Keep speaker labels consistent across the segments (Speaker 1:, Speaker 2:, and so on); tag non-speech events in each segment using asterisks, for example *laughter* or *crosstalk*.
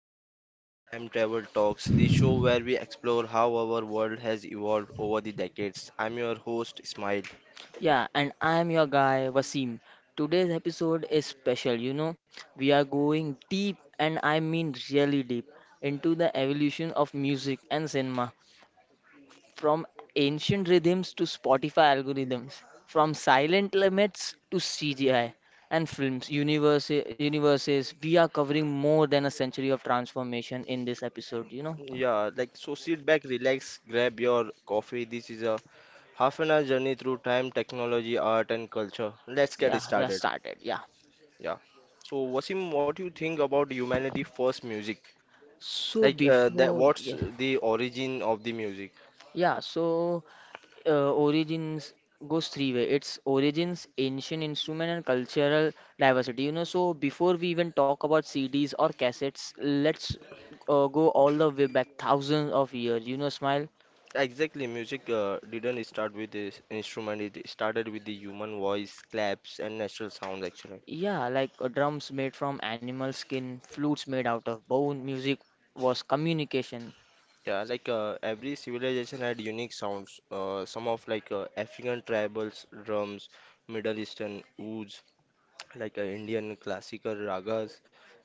Speaker 1: turned into Time Travel Talks, the show where we explore how our world has evolved over the decades. I'm your host, Ismail.
Speaker 2: Yeah, and I'm your guy Wasim. Today's episode is special, you know. We are going deep, and I mean really deep, into the evolution of music and cinema from ancient rhythms to Spotify algorithms, from silent limits to CGI and films, universes. We are covering more than a century of transformation in this episode, you know.
Speaker 1: Yeah, sit back, relax, grab your coffee. This is a half an hour journey through time, technology, art, and culture. Let's
Speaker 2: Yeah,
Speaker 1: get
Speaker 2: let's
Speaker 1: started.
Speaker 2: start it. Yeah.
Speaker 1: Yeah. So, Wasim, what do you think about humanity first music? Like, that what's
Speaker 2: Yeah,
Speaker 1: the origin of the music?
Speaker 2: yeah, so origins goes three way. It's origins, ancient instrument, and cultural diversity. You know, so before we even talk about CDs or cassettes, let's go all the way back thousands of years. You know, smile.
Speaker 1: Exactly, music didn't start with this instrument, it started with the human voice, claps, and natural sounds actually.
Speaker 2: Yeah, like drums made from animal skin, flutes made out of bone. Music was communication.
Speaker 1: Yeah, every civilization had unique sounds. Some of African tribals, drums, Middle Eastern ouds, Indian classical ragas,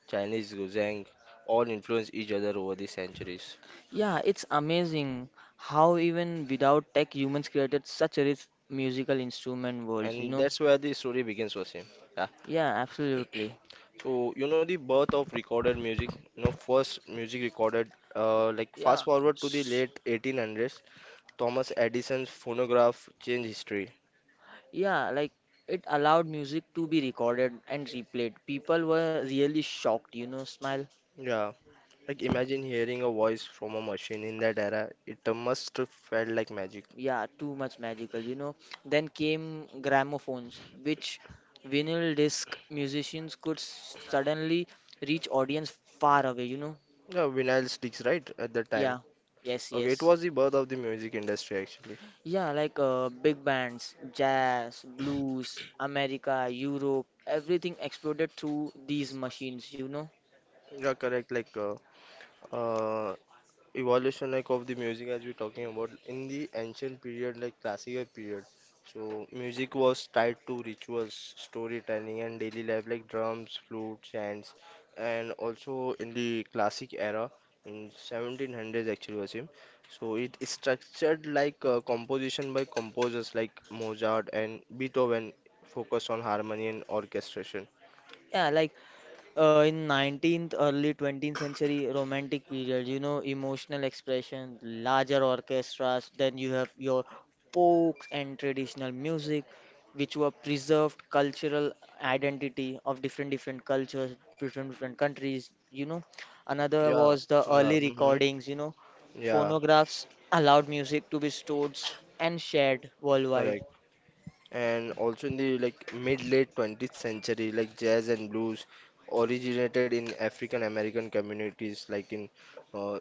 Speaker 1: Chinese guzheng, all influenced each other over the centuries.
Speaker 2: Yeah, it's amazing how even without tech, humans created such a rich musical instrument worlds. You
Speaker 1: And
Speaker 2: know.
Speaker 1: that's where the story begins, Wasim. Yeah.
Speaker 2: Yeah, absolutely.
Speaker 1: So, you know, the birth of recorded music, you know, first music recorded, like
Speaker 2: Yeah.
Speaker 1: fast forward to the late 1800s, Thomas Edison's phonograph changed history.
Speaker 2: Yeah, like it allowed music to be recorded and replayed. People were really shocked, you know, smile.
Speaker 1: Yeah, like imagine hearing a voice from a machine in that era, it must have felt like magic.
Speaker 2: Yeah, too much magical, you know. Then came gramophones, which vinyl disc musicians could suddenly reach audience far away, you know.
Speaker 1: Yeah, vinyl sticks, right, at that time.
Speaker 2: Yeah, yes,
Speaker 1: Okay, it
Speaker 2: yes.
Speaker 1: was the birth of the music industry actually.
Speaker 2: Yeah, like big bands, jazz, blues, America, Europe, everything exploded through these machines, you know.
Speaker 1: Yeah, correct. Uh, evolution like of the music as we're talking about in the ancient period, like classical period. So music was tied to rituals, storytelling, and daily life, like drums, flute, chants. And also in the classic era in 1700s, actually was him so it is structured like composition by composers like Mozart and Beethoven, focus on harmony and orchestration.
Speaker 2: Yeah, like in 19th early 20th century romantic period, you know, emotional expression, larger orchestras. Then you have your folks and traditional music which were preserved cultural identity of different different cultures different different countries, you know. Another
Speaker 1: yeah
Speaker 2: was the
Speaker 1: yeah
Speaker 2: early
Speaker 1: mhm,
Speaker 2: recordings, you know.
Speaker 1: yeah.
Speaker 2: Phonographs allowed music to be stored and shared worldwide.
Speaker 1: Correct. And also in the like mid late 20th century, like jazz and blues originated in African American communities, like in uh,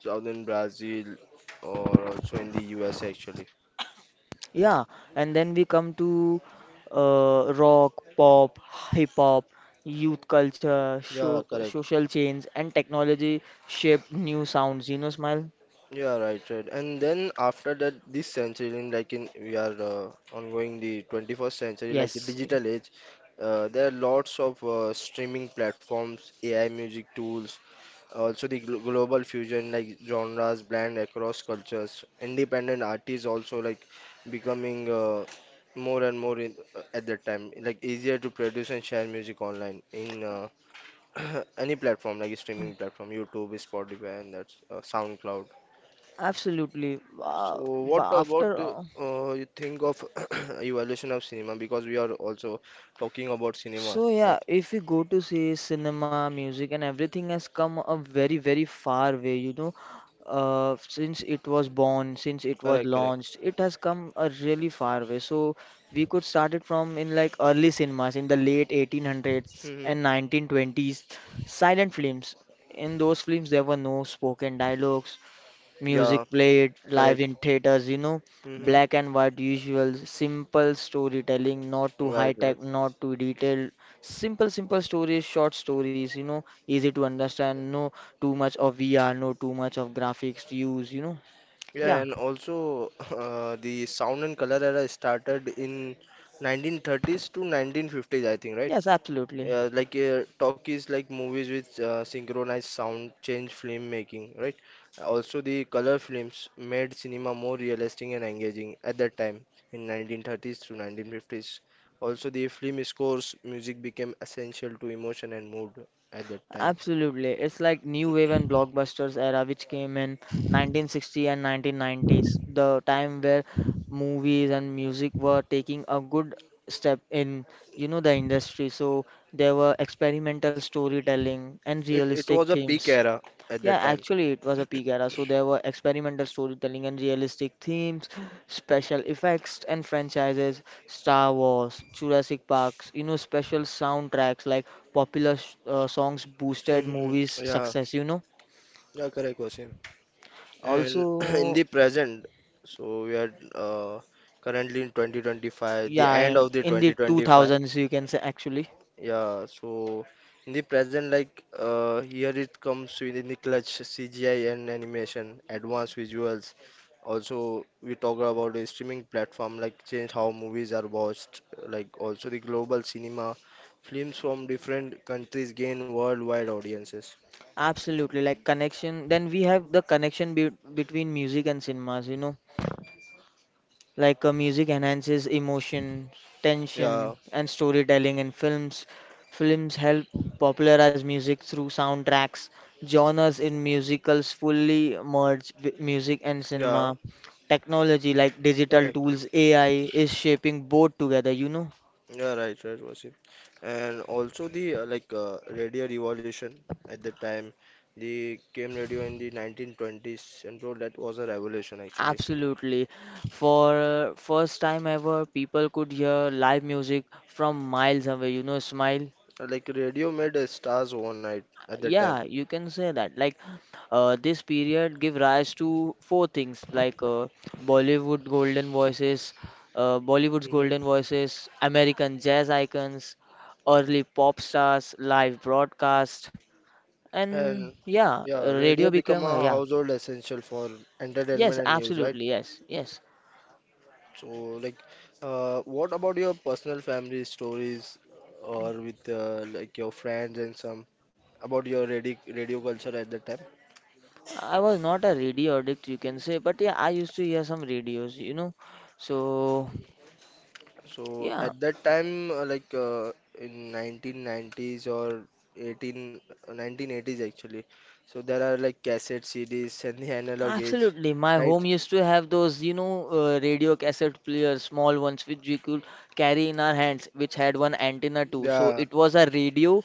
Speaker 1: southern Brazil or also in the US actually.
Speaker 2: Yeah, and then we come to rock, pop, hip hop, youth culture,
Speaker 1: Yeah,
Speaker 2: sho
Speaker 1: correct.
Speaker 2: social change, and technology shaped new sounds. You know, Smile?
Speaker 1: Yeah, right, right. And then after that, this century, in like in we are ongoing the 21st century, like the
Speaker 2: Yes,
Speaker 1: digital age. There are lots of streaming platforms, AI music tools. Also, the global fusion, like genres blend across cultures. Independent artists also like becoming more and more at that time, like easier to produce and share music online in *clears throat* any platform like streaming platform, YouTube, Spotify, and that's SoundCloud.
Speaker 2: absolutely.
Speaker 1: So, what
Speaker 2: But
Speaker 1: about
Speaker 2: after.
Speaker 1: you think of *clears throat* evolution of cinema? Because we are also talking about cinema,
Speaker 2: So
Speaker 1: right?
Speaker 2: yeah, if you go to say cinema, music, and everything has come a very, very far way, you know, since it was born, since it was
Speaker 1: Correct, correct.
Speaker 2: launched, it has come a really far way. So we could start it from in like early cinemas in the late 1800s
Speaker 1: Hmm.
Speaker 2: and 1920s, silent films. In those films, there were no spoken dialogues. Music
Speaker 1: Yeah,
Speaker 2: played live
Speaker 1: correct.
Speaker 2: in theaters, you know,
Speaker 1: Hmm.
Speaker 2: black and white usual, simple storytelling, not too
Speaker 1: Right,
Speaker 2: high
Speaker 1: right.
Speaker 2: tech, not too detailed. Simple, simple stories, short stories, you know, easy to understand, no too much of VR, no too much of graphics to use, you know. Yeah,
Speaker 1: Yeah, and also *laughs* the sound and color era started in 1930s to 1950s, I think, right?
Speaker 2: yes, absolutely.
Speaker 1: Like talkies, like movies with synchronized sound, change film making, right? Also, the color films made cinema more realistic and engaging at that time in 1930s to 1950s. Also, the film scores, music became essential to emotion and mood at that time.
Speaker 2: Absolutely. It's like new wave and blockbusters era which came in 1960 and 1990s, the time where movies and music were taking a good step in, you know, the industry. So there were experimental storytelling and
Speaker 1: It
Speaker 2: realistic
Speaker 1: was a peak
Speaker 2: themes.
Speaker 1: era at
Speaker 2: Yeah,
Speaker 1: that time.
Speaker 2: actually, it was a peak era, so there were experimental storytelling and realistic themes, special effects and franchises, Star Wars, Jurassic Parks, you know, special soundtracks like popular songs boosted
Speaker 1: Hmm.
Speaker 2: movies'
Speaker 1: Yeah,
Speaker 2: success, you know.
Speaker 1: yeah, correct, Wasim. And *clears throat* in
Speaker 2: Also,
Speaker 1: the present, so we are currently in 2025, the
Speaker 2: yeah,
Speaker 1: end
Speaker 2: and
Speaker 1: of the
Speaker 2: in the
Speaker 1: 2025.
Speaker 2: 2000s, you can say actually.
Speaker 1: Yeah, so in the present, like here it comes within the clutch CGI and animation, advanced visuals. Also, we talk about the streaming platform, like change how movies are watched, like also the global cinema. Films from different countries gain worldwide audiences.
Speaker 2: Absolutely, like connection. Then we have the connection be between music and cinemas, you know. Like music enhances emotion, tension,
Speaker 1: Yeah,
Speaker 2: and storytelling in films. Films help popularize music through soundtracks. Genres in musicals fully merge with music and
Speaker 1: yeah,
Speaker 2: cinema. Technology like digital
Speaker 1: correct.
Speaker 2: tools, AI is shaping both together, you know?
Speaker 1: Yeah, right, right, Wasim. And also the radio revolution at the time, the came radio in the 1920s, and bro, that was a revolution actually.
Speaker 2: Absolutely. For first time ever, people could hear live music from miles away, you know, Smile.
Speaker 1: Like radio made stars overnight at that time.
Speaker 2: Yeah, you can say that. Like, this period give rise to four things like Bollywood golden voices, Bollywood's
Speaker 1: Mhm.
Speaker 2: golden voices, American jazz icons, early pop stars, live broadcast, and
Speaker 1: And
Speaker 2: yeah,
Speaker 1: yeah, radio
Speaker 2: radio
Speaker 1: become
Speaker 2: became
Speaker 1: a
Speaker 2: yeah.
Speaker 1: household essential for
Speaker 2: Yes,
Speaker 1: entertainment and news, right?
Speaker 2: absolutely. Yes, yes.
Speaker 1: So, like, what about your personal family stories or with like your friends and some about your radio culture at that time?
Speaker 2: I was not a radio addict, you can say, but yeah, I used to hear some radios, you know. So
Speaker 1: So,
Speaker 2: yeah,
Speaker 1: at that time, in 1990s or 18, uh, 1980s actually, so there are like cassette CDs and the analog age,
Speaker 2: absolutely. My
Speaker 1: right?
Speaker 2: home used to have those, you know, radio cassette players, small ones, which we could carry in our hands, which had one antenna too. So
Speaker 1: Yeah,
Speaker 2: it was a radio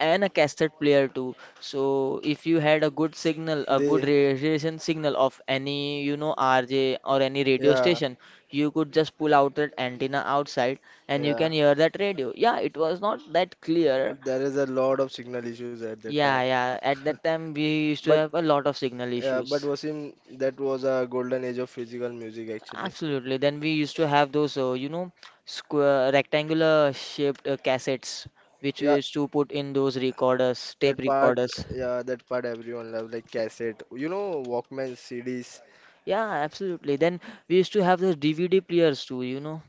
Speaker 2: and a cassette player too. So if you had a good signal, a good
Speaker 1: they,
Speaker 2: radiation signal of any, you know, RJ or any radio
Speaker 1: yeah.
Speaker 2: station, you could just pull out that antenna outside and you
Speaker 1: Yeah.
Speaker 2: can hear that radio. Yeah, it was not that clear.
Speaker 1: But there is a lot of signal issues at that
Speaker 2: Yeah,
Speaker 1: time.
Speaker 2: yeah. At
Speaker 1: *laughs*
Speaker 2: that time, we used to
Speaker 1: But
Speaker 2: have a lot of signal
Speaker 1: yeah, but
Speaker 2: issues.
Speaker 1: Wasim, that was a golden age of physical music actually.
Speaker 2: Absolutely. Then we used to have those, you know, square rectangular shaped cassettes, which we
Speaker 1: Yeah,
Speaker 2: used to put in those recorders, tape
Speaker 1: that part,
Speaker 2: recorders.
Speaker 1: yeah, that part everyone loved, like cassette. You know, Walkman, CDs,
Speaker 2: Yeah, absolutely. Then we used to have those DVD players too, you know.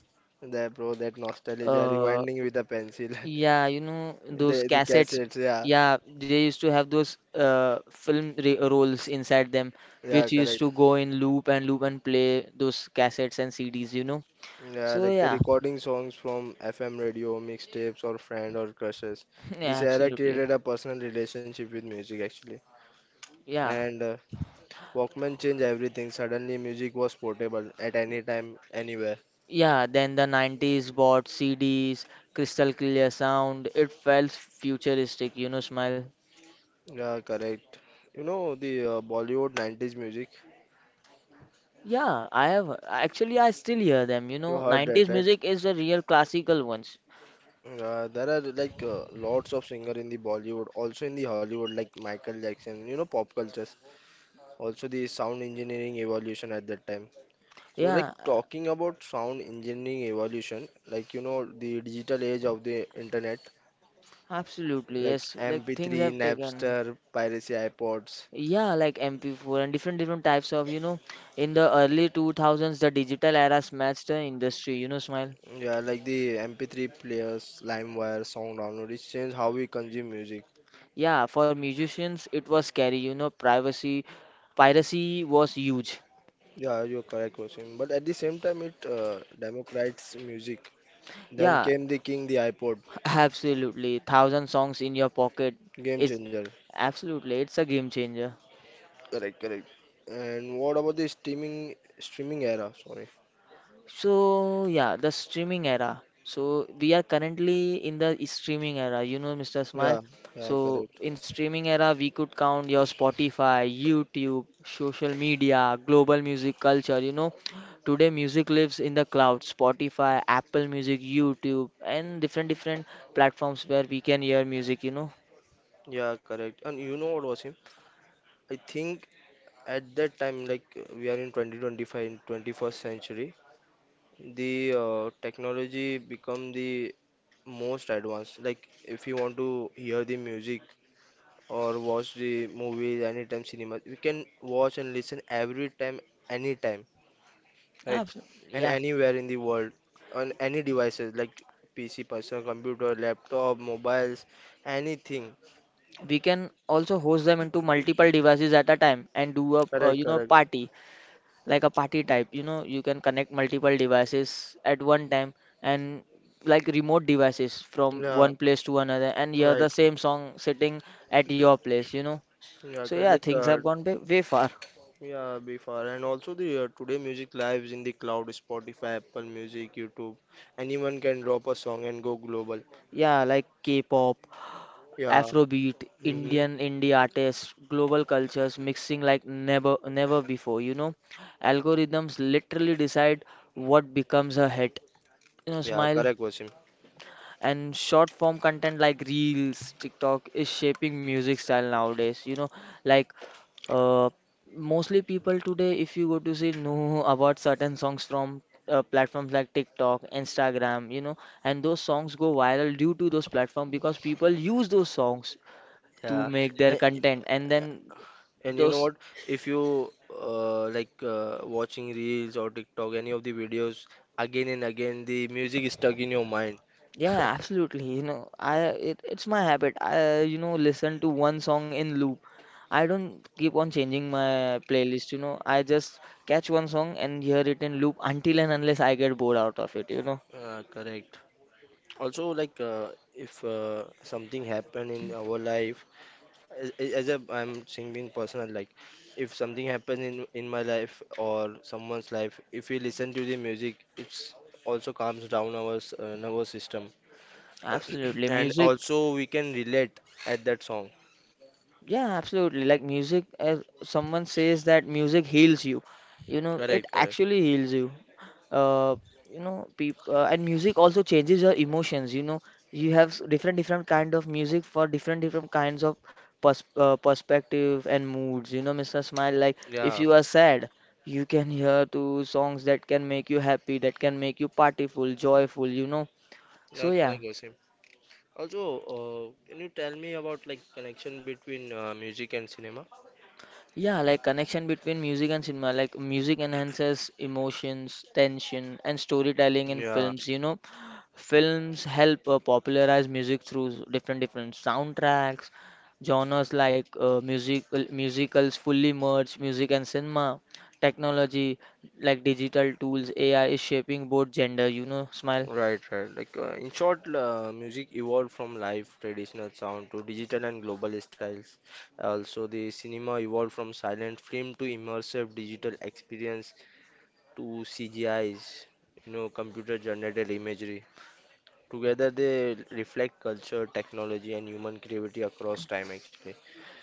Speaker 1: that bro, that nostalgia,
Speaker 2: Uh,
Speaker 1: rewinding with a pencil. *laughs*
Speaker 2: yeah, you know,
Speaker 1: the
Speaker 2: those
Speaker 1: the
Speaker 2: cassettes.
Speaker 1: cassettes, yeah,
Speaker 2: Yeah, they used to have those film re rolls inside them,
Speaker 1: yeah,
Speaker 2: which used
Speaker 1: correct.
Speaker 2: to go in loop and loop and play those cassettes and CDs, you know.
Speaker 1: Yeah,
Speaker 2: So,
Speaker 1: like
Speaker 2: yeah,
Speaker 1: recording songs from FM radio, mixtapes, or friend or crushes.
Speaker 2: *laughs* yeah,
Speaker 1: This era
Speaker 2: absolutely.
Speaker 1: created a personal relationship with music actually.
Speaker 2: Yeah.
Speaker 1: And Walkman changed everything. Suddenly, music was portable at any time, anywhere.
Speaker 2: Yeah, then the 90s bought CDs, crystal clear sound. It felt futuristic, you know, smile.
Speaker 1: Yeah, correct. You know the Bollywood 90s music?
Speaker 2: Yeah, I have, actually I still hear them, you
Speaker 1: You
Speaker 2: know.
Speaker 1: heard that,
Speaker 2: 90s
Speaker 1: right?
Speaker 2: music is the real classical ones.
Speaker 1: There are like lots of singer in the Bollywood, also in the Hollywood, like Michael Jackson, you know, pop cultures. Also the sound engineering evolution at that time. So, like
Speaker 2: Yeah,
Speaker 1: talking about sound engineering evolution, like you know, the digital age of the internet,
Speaker 2: absolutely.
Speaker 1: like
Speaker 2: Yes, like things
Speaker 1: MP3,
Speaker 2: have taken.
Speaker 1: Napster, piracy iPods,
Speaker 2: Yeah, like MP4 and different different types of, you know, in the early 2000s the digital era smashed the industry, you know, smile.
Speaker 1: yeah, like the MP3 players, LimeWire, song download, it changed how we consume music.
Speaker 2: Yeah, for musicians it was scary, you know, privacy piracy was huge.
Speaker 1: Yeah, you're correct, Wasim. But at the same time, it democratized music. Then yeah,
Speaker 2: Yeah,
Speaker 1: came the king, the iPod,
Speaker 2: absolutely. 1,000 songs in your pocket
Speaker 1: game
Speaker 2: is
Speaker 1: changer.
Speaker 2: absolutely it's a game changer.
Speaker 1: Correct, correct. And what about the streaming era? Sorry.
Speaker 2: So yeah, the streaming era. So we are currently in the streaming era, you know, Mr. Smile.
Speaker 1: Yeah, yeah,
Speaker 2: So
Speaker 1: correct.
Speaker 2: in streaming era, we could count your Spotify, YouTube, social media, global music culture. You know, today music lives in the cloud. Spotify, Apple Music, YouTube, and different different platforms where we can hear music. You know,
Speaker 1: Yeah, correct. And you know what, was? I think at that time, like we are in 2025, in 21st century, the technology become the most advanced. Like if you want to hear the music or watch the movies anytime cinema, we can watch and listen every time, anytime, right?
Speaker 2: absolutely.
Speaker 1: And anywhere in the world on any devices like PC, personal computer, laptop, mobiles, anything.
Speaker 2: We can also host them into
Speaker 1: *coughs*
Speaker 2: multiple devices at a time and do a
Speaker 1: Correct,
Speaker 2: you know
Speaker 1: correct.
Speaker 2: party, like a party type, you know, you can connect multiple devices at one time and like remote devices from
Speaker 1: Yeah,
Speaker 2: one place to another and hear
Speaker 1: right.
Speaker 2: the same song sitting at your place, you know.
Speaker 1: Yeah,
Speaker 2: So
Speaker 1: correct.
Speaker 2: yeah, things have gone way, way far.
Speaker 1: Yeah, before and also the today music lives in the cloud, Spotify, Apple Music, YouTube. Anyone can drop a song and go global.
Speaker 2: Yeah, like k-pop,
Speaker 1: Yeah.
Speaker 2: afrobeat,
Speaker 1: Mm-hmm.
Speaker 2: indian indie artists, global cultures mixing like never never before, you know. Algorithms literally decide what becomes a hit, you know. Yeah,
Speaker 1: Yeah,
Speaker 2: smile.
Speaker 1: correct, Wasim.
Speaker 2: And short form content like reels, tiktok is shaping music style nowadays, you know. Like uh, mostly people today if you go to see know about certain songs from platforms like tiktok, instagram, you know, and those songs go viral due to those platforms because people use those songs to
Speaker 1: Yeah.
Speaker 2: make their
Speaker 1: Like,
Speaker 2: content and then
Speaker 1: and you know
Speaker 2: those.
Speaker 1: what? If you watching reels or TikTok, any of the videos again and again, the music is stuck in your mind.
Speaker 2: Yeah,
Speaker 1: *laughs*
Speaker 2: absolutely. You know, it's my habit. I listen to one song in loop. I don't keep on changing my playlist. You know, I just catch one song and hear it in loop until and unless I get bored out of it. You know,
Speaker 1: Ah, correct. Also like if something happen in our life, as, as a I'm saying being personal, like if something happen in my life or someone's life, if we listen to the music, it's also calms down our nervous system *clears throat*
Speaker 2: absolutely.
Speaker 1: and
Speaker 2: Music
Speaker 1: also we can relate at that song.
Speaker 2: Yeah, absolutely. Like music, as someone says that music heals you. You know, it
Speaker 1: Correct, correct.
Speaker 2: actually heals you. Uh, you know, people and music also changes your emotions. You know, you have different different kind of music for different different kinds of perspective and moods. You know, Mr. Smile, like if
Speaker 1: yeah
Speaker 2: you are sad, you can hear to songs that can make you happy, that can make you partyful, joyful. You know. So
Speaker 1: yeah,
Speaker 2: yeah,
Speaker 1: correct, Gosim. Also can you tell me about like connection between music and cinema?
Speaker 2: yeah, like connection between music and cinema, like music enhances emotions, tension, and storytelling in
Speaker 1: Yeah.
Speaker 2: films. You know, films help popularize music through different different soundtracks, genres like musicals fully merge music and cinema. Technology like digital tools, AI is shaping both gender. You know, smile.
Speaker 1: Right, right. Like in short, music evolved from live traditional sound to digital and global styles. Also, the cinema evolved from silent film to immersive digital experience to CGIs, you know, computer generated imagery. Together, they reflect culture, technology, and human creativity across time, actually.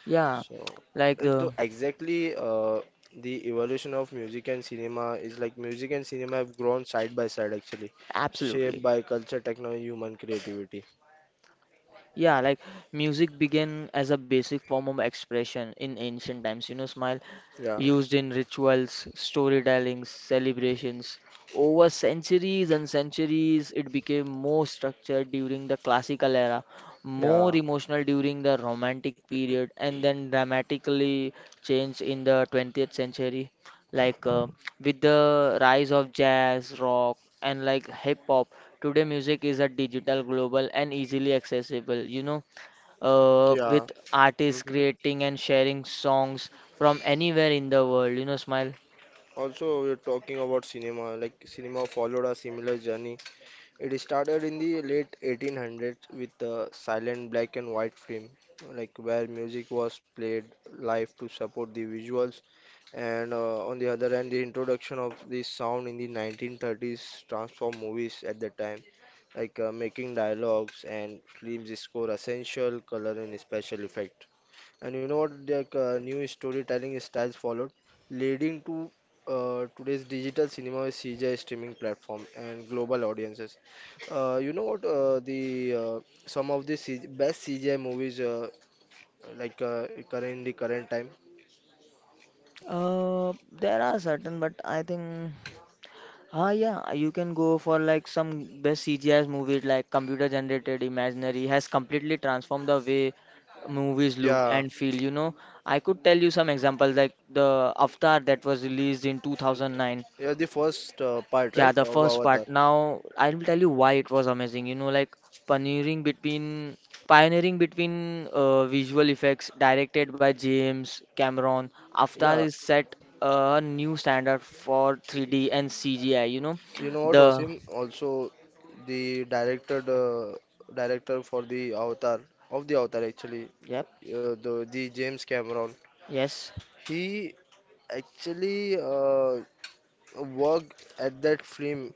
Speaker 2: Yeah,
Speaker 1: So,
Speaker 2: like
Speaker 1: and to
Speaker 2: the
Speaker 1: exactly the evolution of music and cinema is like music and cinema have grown side by side actually, shaped
Speaker 2: absolutely.
Speaker 1: by culture, technology, human creativity.
Speaker 2: Yeah, like music began as a basic form of expression in ancient times. You know, Smile,
Speaker 1: Yeah,
Speaker 2: used in rituals, storytelling, celebrations. Over centuries and centuries, it became more structured during the classical era,
Speaker 1: yeah,
Speaker 2: more emotional during the romantic period, and then dramatically changed in the 20th century. Like with the rise of jazz, rock, and like hip hop, today music is a digital, global, and easily accessible. You know,
Speaker 1: yeah.
Speaker 2: with artists
Speaker 1: Hmm.
Speaker 2: creating and sharing songs from anywhere in the world. You know, Smile.
Speaker 1: Also, we're talking about cinema. Like cinema followed a similar journey. It started in the late 1800s with a silent black and white film, like where music was played live to support the visuals. And on the other hand, the introduction of this sound in the 1930s transformed movies at the time, like making dialogues and films score essential, color, and special effect. And you know what? The new storytelling styles followed, leading to today's digital cinema with CGI streaming platform and global audiences. You know what? The uh, some of the C G best CGI movies current time.
Speaker 2: Uh, there are certain, but I think. Ah, yeah, you can go for like some best CGI movies like computer generated imaginary has completely transformed the way movies look
Speaker 1: Yeah,
Speaker 2: and feel. You know, I could tell you some examples like the Avatar that was released in 2009.
Speaker 1: yeah. The first part,
Speaker 2: Yeah,
Speaker 1: right,
Speaker 2: the
Speaker 1: of
Speaker 2: first
Speaker 1: Avatar.
Speaker 2: part. Now I will tell you why it was amazing. You know, like pioneering between pioneering between visual effects directed by James Cameron. Avatar
Speaker 1: Yeah,
Speaker 2: is set a new standard for 3D and CGI, you know.
Speaker 1: you know what,
Speaker 2: The
Speaker 1: Osim? Also, the director, director for the Avatar, actually,
Speaker 2: Yep,
Speaker 1: the James Cameron.
Speaker 2: yes,
Speaker 1: He actually worked at that film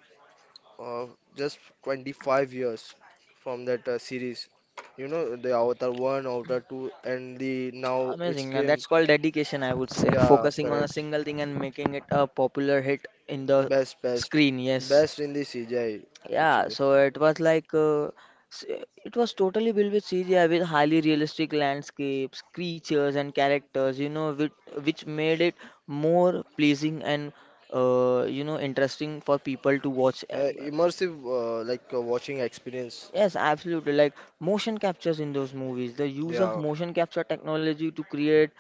Speaker 1: uh, just 25 years from that series. You know, the Avatar 1, Avatar 2, and the now it's
Speaker 2: amazing.
Speaker 1: came.
Speaker 2: That's called dedication, I would say.
Speaker 1: Yeah,
Speaker 2: Focusing on a
Speaker 1: correct.
Speaker 2: single thing and making it a popular hit in the
Speaker 1: Best, best,
Speaker 2: screen, yes.
Speaker 1: best in the CGI
Speaker 2: Yeah,
Speaker 1: actually.
Speaker 2: so s- it was totally built with CGI with highly realistic landscapes, creatures, and characters, you know, which made it more pleasing and you know interesting for people to watch.
Speaker 1: Immersive, watching experience.
Speaker 2: Yes, absolutely. Like motion captures in those movies, the use of
Speaker 1: Yeah,
Speaker 2: motion capture technology to create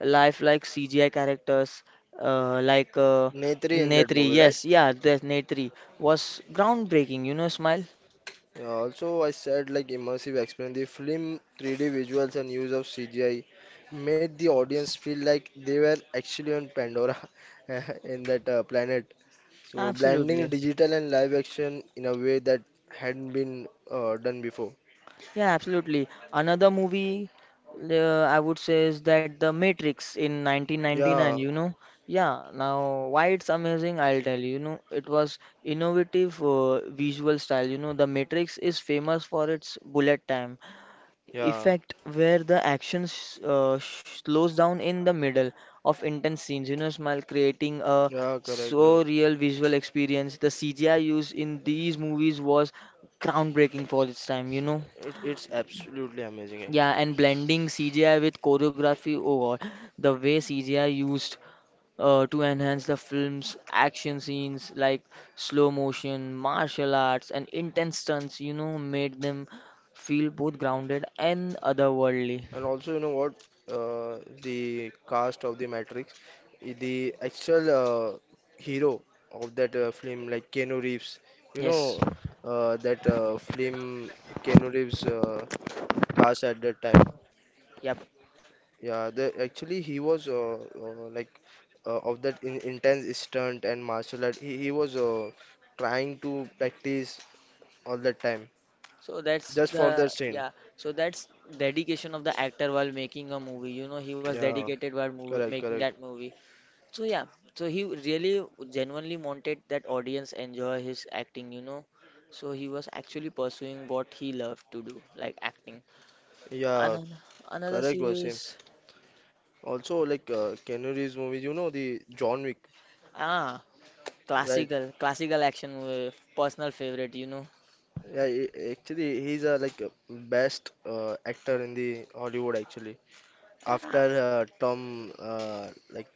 Speaker 2: lifelike CGI characters, uh, like uh,
Speaker 1: Netri in that
Speaker 2: Netri.
Speaker 1: movie, right?
Speaker 2: Yes, yeah, there's Netri was groundbreaking. You know, smile.
Speaker 1: Yeah, also, I said like immersive experience. The film 3D visuals and use of CGI made the audience feel like they were actually on Pandora *laughs* in that planet. So, blending
Speaker 2: Absolutely.
Speaker 1: digital and live action in a way that hadn't been done before.
Speaker 2: Yeah, absolutely. Another movie I would say is that The Matrix in 1999,
Speaker 1: Yeah,
Speaker 2: you know. Yeah, now why it's amazing, I'll tell you. You know, it was innovative visual style. You know, The Matrix is famous for its bullet time
Speaker 1: yeah.
Speaker 2: effect where the action slows down in the middle of intense scenes, you know, smile creating a
Speaker 1: Yeah, correct,
Speaker 2: so
Speaker 1: correct.
Speaker 2: real visual experience. The CGI used in these movies was groundbreaking for its time, you know.
Speaker 1: It's absolutely amazing, actually.
Speaker 2: Yeah, and blending CGI with choreography, oh god, the way CGI used to enhance the film's action scenes like slow motion, martial arts, and intense stunts, you know, made them feel both grounded and otherworldly.
Speaker 1: And also, you know what? The cast of the Matrix, the actual hero of that film, like Keanu Reeves. You
Speaker 2: Yes,
Speaker 1: know that film Keanu Reeves cast at that time.
Speaker 2: yep.
Speaker 1: Yeah, the actually he was of that intense stunt and martial art. He was trying to practice all the time
Speaker 2: So that's
Speaker 1: just
Speaker 2: the
Speaker 1: for that scene.
Speaker 2: yeah. So that's dedication of the actor while making a movie. You know, he was
Speaker 1: Yeah,
Speaker 2: dedicated while movie,
Speaker 1: correct,
Speaker 2: making
Speaker 1: correct.
Speaker 2: that movie. So yeah, so he really genuinely wanted that audience enjoy his acting, you know. So he was actually pursuing what he loved to do, like acting.
Speaker 1: Yeah,
Speaker 2: Another another
Speaker 1: correct, Wasim.
Speaker 2: series,
Speaker 1: Also, like Keanu Reeves movies, you know the John Wick,
Speaker 2: ah,
Speaker 1: right?
Speaker 2: classical, classical action movie, personal favorite, you know.
Speaker 1: Yeah, actually he's a like a best actor in the Hollywood actually.
Speaker 2: Yeah,
Speaker 1: After Tom like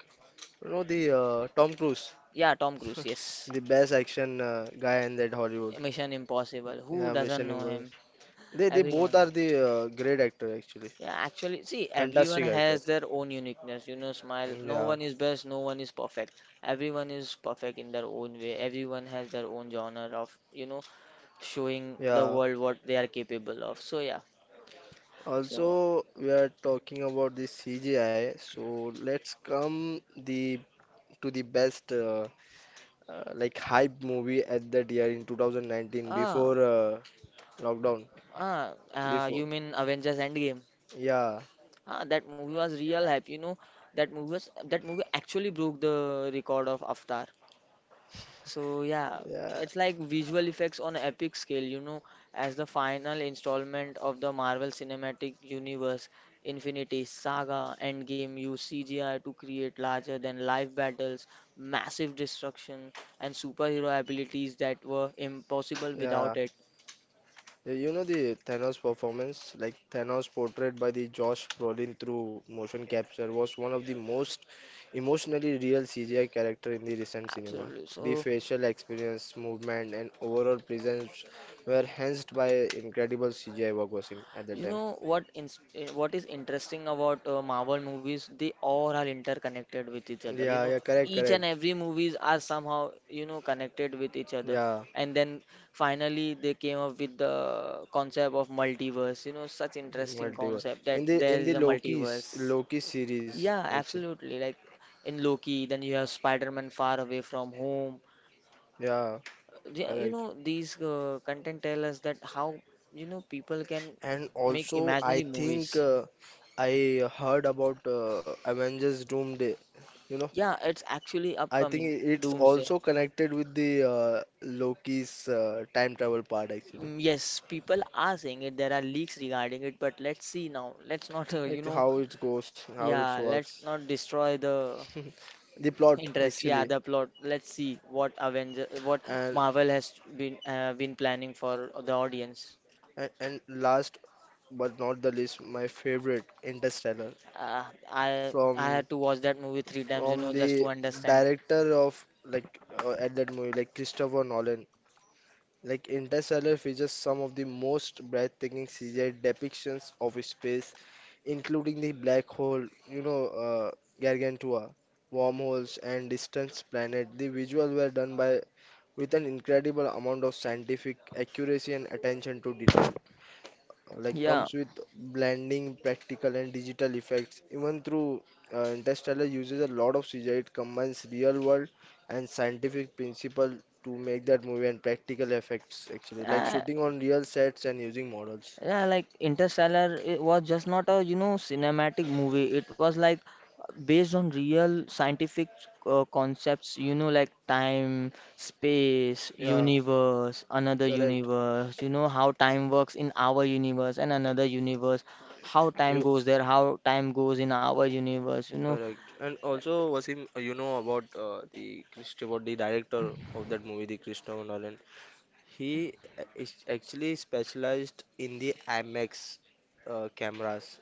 Speaker 1: You know the Tom Cruise,
Speaker 2: yeah, Tom Cruise,
Speaker 1: *laughs*
Speaker 2: yes.
Speaker 1: the best action guy in that Hollywood.
Speaker 2: Mission Impossible. Who
Speaker 1: Yeah,
Speaker 2: doesn't
Speaker 1: Mission
Speaker 2: know
Speaker 1: Impossible.
Speaker 2: him?
Speaker 1: They both
Speaker 2: Everyone.
Speaker 1: are the great actor actually,
Speaker 2: Yeah, actually, see, everyone
Speaker 1: fantastic
Speaker 2: has
Speaker 1: actors.
Speaker 2: their own uniqueness. You know, smile. No
Speaker 1: Yeah,
Speaker 2: one is best, no one is perfect. Everyone is perfect in their own way. Everyone has their own genre of, you know, showing the
Speaker 1: yeah.
Speaker 2: world what they are capable of. So, yeah. So,
Speaker 1: Also, we are talking about the CGI. So let's come the to the best like hype movie at that year in 2019
Speaker 2: ah,
Speaker 1: before lockdown.
Speaker 2: ah,
Speaker 1: Before.
Speaker 2: you mean Avengers Endgame?
Speaker 1: Yeah,
Speaker 2: Ah, that movie was real hype. You know, that movie actually broke the record of Avatar. So yeah,
Speaker 1: yeah.
Speaker 2: it's like visual effects on an epic scale, you know, as the final installment of the Marvel Cinematic Universe, Infinity Saga, Endgame used CGI to create larger than life battles, massive destruction, and superhero abilities that were impossible
Speaker 1: Yeah,
Speaker 2: without it.
Speaker 1: You know the Thanos performance, like Thanos portrayed by the Josh Brolin through motion capture, was one of the most emotionally real CGI character in the recent cinema.
Speaker 2: Absolutely.
Speaker 1: The
Speaker 2: So
Speaker 1: facial experience, movement, and overall presence were enhanced by incredible CGI work was him at that
Speaker 2: you
Speaker 1: time.
Speaker 2: know what what is interesting about Marvel movies? They all are interconnected with each other. You
Speaker 1: Yeah,
Speaker 2: know,
Speaker 1: yeah, correct,
Speaker 2: each
Speaker 1: correct.
Speaker 2: and every movies are somehow you know connected with each other.
Speaker 1: Yeah,
Speaker 2: And then finally they came up with the concept of multiverse. You know, such interesting
Speaker 1: multiverse.
Speaker 2: concept that
Speaker 1: In the
Speaker 2: there
Speaker 1: in the
Speaker 2: is a
Speaker 1: multiverse. Loki's multiverse.
Speaker 2: multiverse.
Speaker 1: Loki series,
Speaker 2: Yeah,
Speaker 1: actually.
Speaker 2: absolutely. Like in Loki, then you have Spider-Man far away from home.
Speaker 1: Yeah,
Speaker 2: Yeah, you
Speaker 1: correct.
Speaker 2: know, these content tell us that how you know people can
Speaker 1: And these
Speaker 2: make
Speaker 1: also, and I
Speaker 2: imaginary
Speaker 1: multiverse. Think
Speaker 2: movies.
Speaker 1: I heard about Avengers Doomsday. You know,
Speaker 2: Yeah, it's actually
Speaker 1: I upcoming. Think I-
Speaker 2: upcoming
Speaker 1: You it's
Speaker 2: Doomsday.
Speaker 1: also connected with the Loki's time travel part, actually.
Speaker 2: Mm, yes, people are saying it. There are leaks regarding it, but let's see now. Let's not, *laughs* you
Speaker 1: Like
Speaker 2: know,
Speaker 1: how it goes, how it
Speaker 2: yeah, let's
Speaker 1: works.
Speaker 2: not destroy the
Speaker 1: *laughs* The plot
Speaker 2: interest. Yeah,
Speaker 1: actually.
Speaker 2: the plot. Let's see what Avenger, what
Speaker 1: And
Speaker 2: Marvel has been planning for the audience.
Speaker 1: and last but not the least, my favorite Interstellar
Speaker 2: Uh, I
Speaker 1: from
Speaker 2: had to watch that movie 3 times, you
Speaker 1: from
Speaker 2: know, just
Speaker 1: the
Speaker 2: to understand.
Speaker 1: director of like at that movie like Christopher Nolan. Like Interstellar features some of the most breathtaking CGI depictions of space, including the black hole, you know, Gargantua, wormholes, and distant planets. The visuals were done by with an incredible amount of scientific accuracy and attention to detail like
Speaker 2: Yeah.
Speaker 1: comes with blending practical and digital effects even through interstellar uses a lot of cgi it combines real world and scientific principle to make that movie and practical effects actually like
Speaker 2: Uh,
Speaker 1: shooting on real sets and using models
Speaker 2: yeah, like Interstellar it was just not a you know cinematic movie. It was like based on real scientific concepts. You know, like time, space,
Speaker 1: yeah
Speaker 2: universe, another
Speaker 1: correct
Speaker 2: universe. You know how time works in our universe and another universe. How time
Speaker 1: You
Speaker 2: goes there, how time goes in our universe. You know,
Speaker 1: correct. And also, Wasim, you know about the Christ about the director of that movie, the Christopher Nolan. He is actually specialized in the IMAX cameras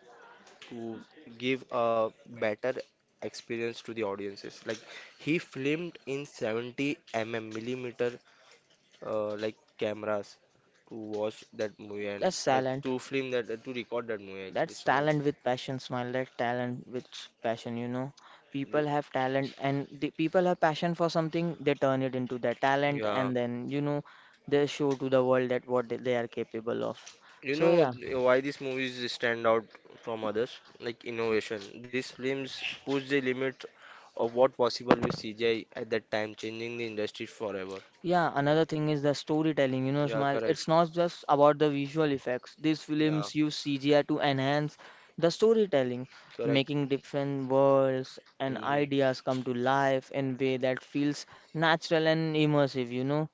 Speaker 1: to give a better experience to the audiences. Like he filmed in 70 mm millimeter like cameras to watch that movie and
Speaker 2: that's
Speaker 1: like
Speaker 2: silent.
Speaker 1: to film that to record that movie actually.
Speaker 2: That's
Speaker 1: Sorry.
Speaker 2: talent with passion, smile. That talent with passion, you know. People
Speaker 1: The-
Speaker 2: have talent and the people have passion for something, they turn it into their talent
Speaker 1: Yeah.
Speaker 2: and then, you know, they show to the world that what they are capable of.
Speaker 1: You
Speaker 2: So
Speaker 1: know
Speaker 2: yeah,
Speaker 1: why these movies stand out from others? Like innovation. These films push the limits of what possible with CGI at that time, changing the industry forever.
Speaker 2: yeah, another thing is the storytelling, you know,
Speaker 1: Yeah,
Speaker 2: smile.
Speaker 1: correct.
Speaker 2: It's not just about the visual effects. These
Speaker 1: Yeah,
Speaker 2: films use CGI to enhance the storytelling,
Speaker 1: correct.
Speaker 2: making different worlds and
Speaker 1: Mhm.
Speaker 2: ideas come to life in way that feels natural and immersive, you know.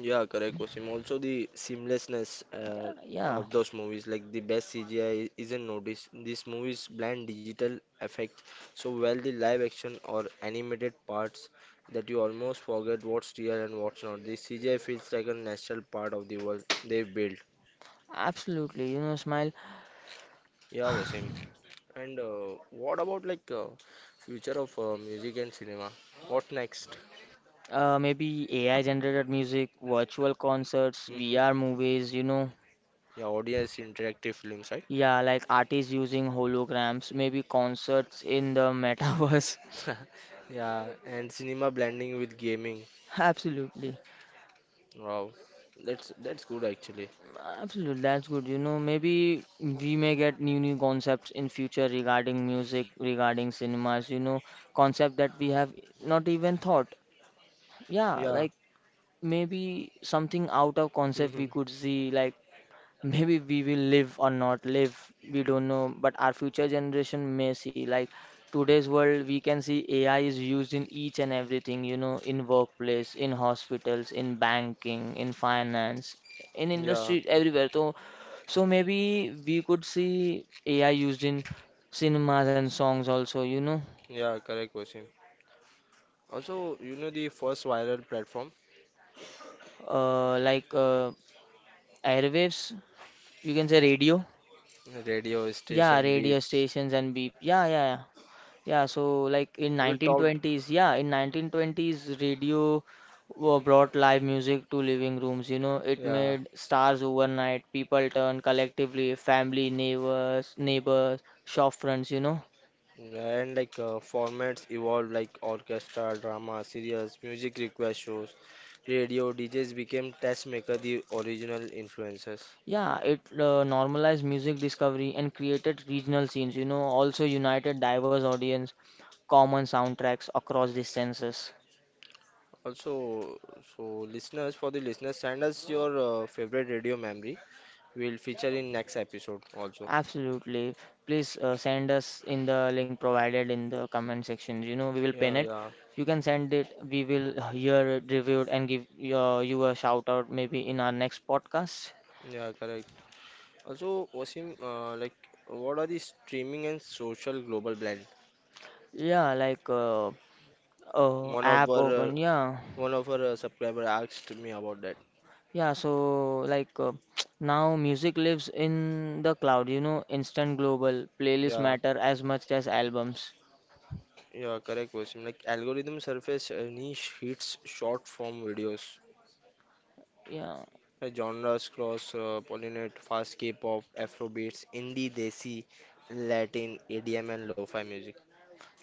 Speaker 1: Yeah, correct, Wasim. Also, the seamlessness
Speaker 2: Yeah, yeah,
Speaker 1: of those movies, like the best CGI isn't noticed. These movies blend digital effect so well the live action or animated parts that you almost forget what's real and what's not. The CGI feels like a natural part of the world they've built.
Speaker 2: absolutely. You know, smile,
Speaker 1: Yeah, Wasim. And what about future of music and cinema? What next?
Speaker 2: maybe AI generated music, virtual concerts,
Speaker 1: Mm-hmm.
Speaker 2: VR movies, you know.
Speaker 1: Yeah, audience interactive films, right?
Speaker 2: Yeah, like artists using holograms, maybe concerts in the *laughs*
Speaker 1: *laughs*
Speaker 2: metaverse.
Speaker 1: Yeah, and cinema blending with gaming.
Speaker 2: Absolutely.
Speaker 1: Wow, that's good actually.
Speaker 2: Absolutely, that's good. You know, maybe we may get new concepts in future regarding music, regarding cinemas, you know, concept that we have not even thought. Yeah,
Speaker 1: Yeah.
Speaker 2: like maybe something out of concept we
Speaker 1: Mhm.
Speaker 2: could see like maybe we will live or not live, we don't know, but our future generation may see. Like today's world, we can see AI is used in each and everything, you know, in workplace, in hospitals, in banking, in finance, in
Speaker 1: Yeah.
Speaker 2: industry, everywhere. So, so maybe we could see AI used in cinemas and songs also, you know,
Speaker 1: Yeah, correct question. Also, you know the first viral platform,
Speaker 2: uh, like uh, airwaves, you can say radio.
Speaker 1: radio
Speaker 2: Yeah,
Speaker 1: station
Speaker 2: radio
Speaker 1: beeps.
Speaker 2: stations and beep. Yeah, yeah, yeah. Yeah, so like in
Speaker 1: We talked.
Speaker 2: 1920s, yeah, in 1920s, radio brought live music to living rooms. You know, it
Speaker 1: Yeah.
Speaker 2: made stars overnight. People turned collectively, family, neighbors, neighbors, shop fronts. You know,
Speaker 1: And like formats evolved like orchestra, drama, serials, music request shows, radio, DJs became test maker the original influences.
Speaker 2: yeah, it normalized music discovery and created regional scenes. You know, also united diverse audience, common soundtracks across distances.
Speaker 1: Also, so listeners, for the listeners, send us your favorite radio memory. We'll feature in next episode also.
Speaker 2: Absolutely. Please send us in the link provided in the comment section. You know, we will
Speaker 1: Yeah,
Speaker 2: pin it.
Speaker 1: yeah,
Speaker 2: You can send it. We will hear it reviewed and give your, you a shout out maybe in our next podcast.
Speaker 1: yeah, correct. Also, Wasim, what are the streaming and social global blend?
Speaker 2: Yeah,
Speaker 1: One of
Speaker 2: app
Speaker 1: our uh,
Speaker 2: open. Yeah,
Speaker 1: One of our subscriber asked me about that.
Speaker 2: yeah. So like *tsk* now music lives in the cloud. You know, instant global playlists
Speaker 1: Yeah,
Speaker 2: matter as much as albums.
Speaker 1: yeah, correct question. Like algorithm surface niche hits short form videos.
Speaker 2: Yeah.
Speaker 1: Genres cross pollinate fast K-pop, Afro beats, indie, desi, Latin, EDM, and lo-fi music.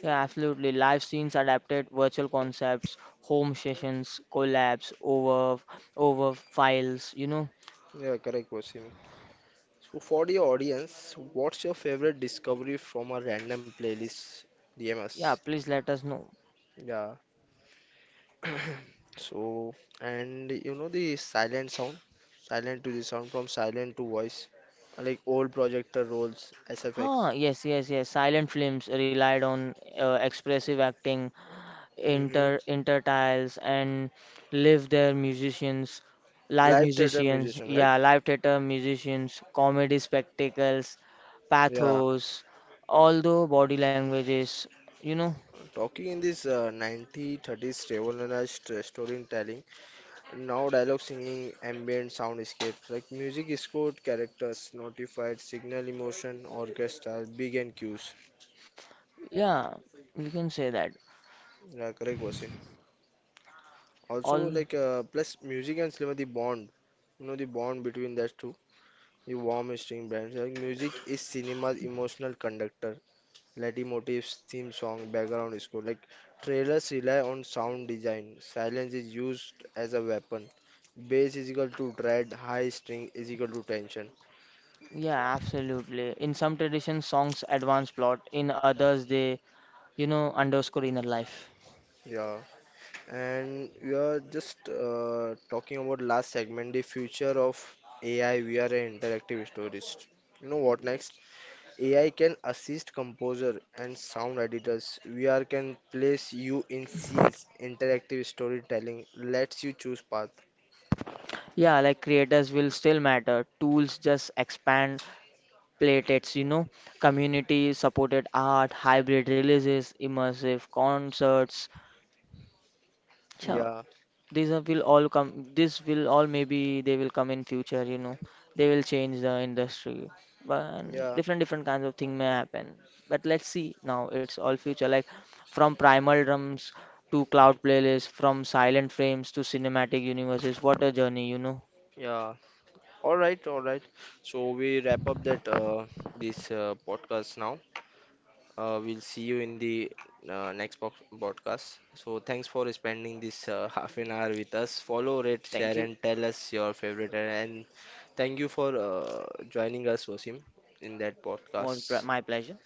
Speaker 2: Yeah, absolutely. Live scenes adapted virtual concepts, home sessions, collabs, over files, you know.
Speaker 1: Yeah, correct question. So for the audience, what's your favorite discovery from a random playlist?
Speaker 2: Yeah,
Speaker 1: DMS.
Speaker 2: please let us know.
Speaker 1: Yeah. So, and you know the silent sound, silent to the sound from silent to voice, like old projector rolls, SFX.
Speaker 2: Ah, yes, yes, yes. Silent films relied on expressive acting,
Speaker 1: Hmm.
Speaker 2: intertiles, and live their musicians, live
Speaker 1: Live theater
Speaker 2: musicians,
Speaker 1: musician, right?
Speaker 2: yeah, live theater musicians, comedy spectacles,
Speaker 1: Yeah.
Speaker 2: pathos, all the body languages, you know.
Speaker 1: Talking in this 1930s revolutionized storytelling, now dialogue singing, ambient soundscapes, like music is code characters, notified signal emotion, orchestra, big and cues.
Speaker 2: Yeah, you can say that.
Speaker 1: Yeah, correct, was Also,
Speaker 2: All,
Speaker 1: like plus music and cinema, the bond, you know, the bond between that two, the warm string bands. Like music is cinema's emotional conductor. Latin motifs, theme song, background score. Like trailers rely on sound design. Silence is used as a weapon. Bass is equal to dread. High string is equal to tension.
Speaker 2: yeah, absolutely. In some traditions, songs advance plot. In others, they, you know, underscore inner life.
Speaker 1: Yeah, and we are just talking about last segment, the future of AI, VR, and interactive stories. You know what next? AI can assist composer and sound editors. VR can place you in scenes. Interactive storytelling lets you choose path.
Speaker 2: Yeah, like creators will still matter. Tools just expand platettes, you know. Community supported art, hybrid releases, immersive concerts. So
Speaker 1: Yeah,
Speaker 2: these are will all come this will all maybe they will come in future, you know, they will change the industry, but and
Speaker 1: yeah.
Speaker 2: different kinds of thing may happen, but let's see now it's all future. Like from primal drums to cloud playlists, from silent frames to cinematic universes, what a journey, you know.
Speaker 1: Yeah. All right, all right. So we wrap up that this podcast now. We'll see you in the next box podcast. So thanks for spending this *laughs* half an hour with us. Follow, rate,
Speaker 2: Thank
Speaker 1: share,
Speaker 2: you.
Speaker 1: and tell us your favorite. And thank you for joining us, Wasim, in that podcast.
Speaker 2: My pleasure.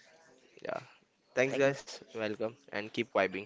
Speaker 1: Yeah. Thanks,
Speaker 2: Thank you.
Speaker 1: guys. Welcome and keep vibing.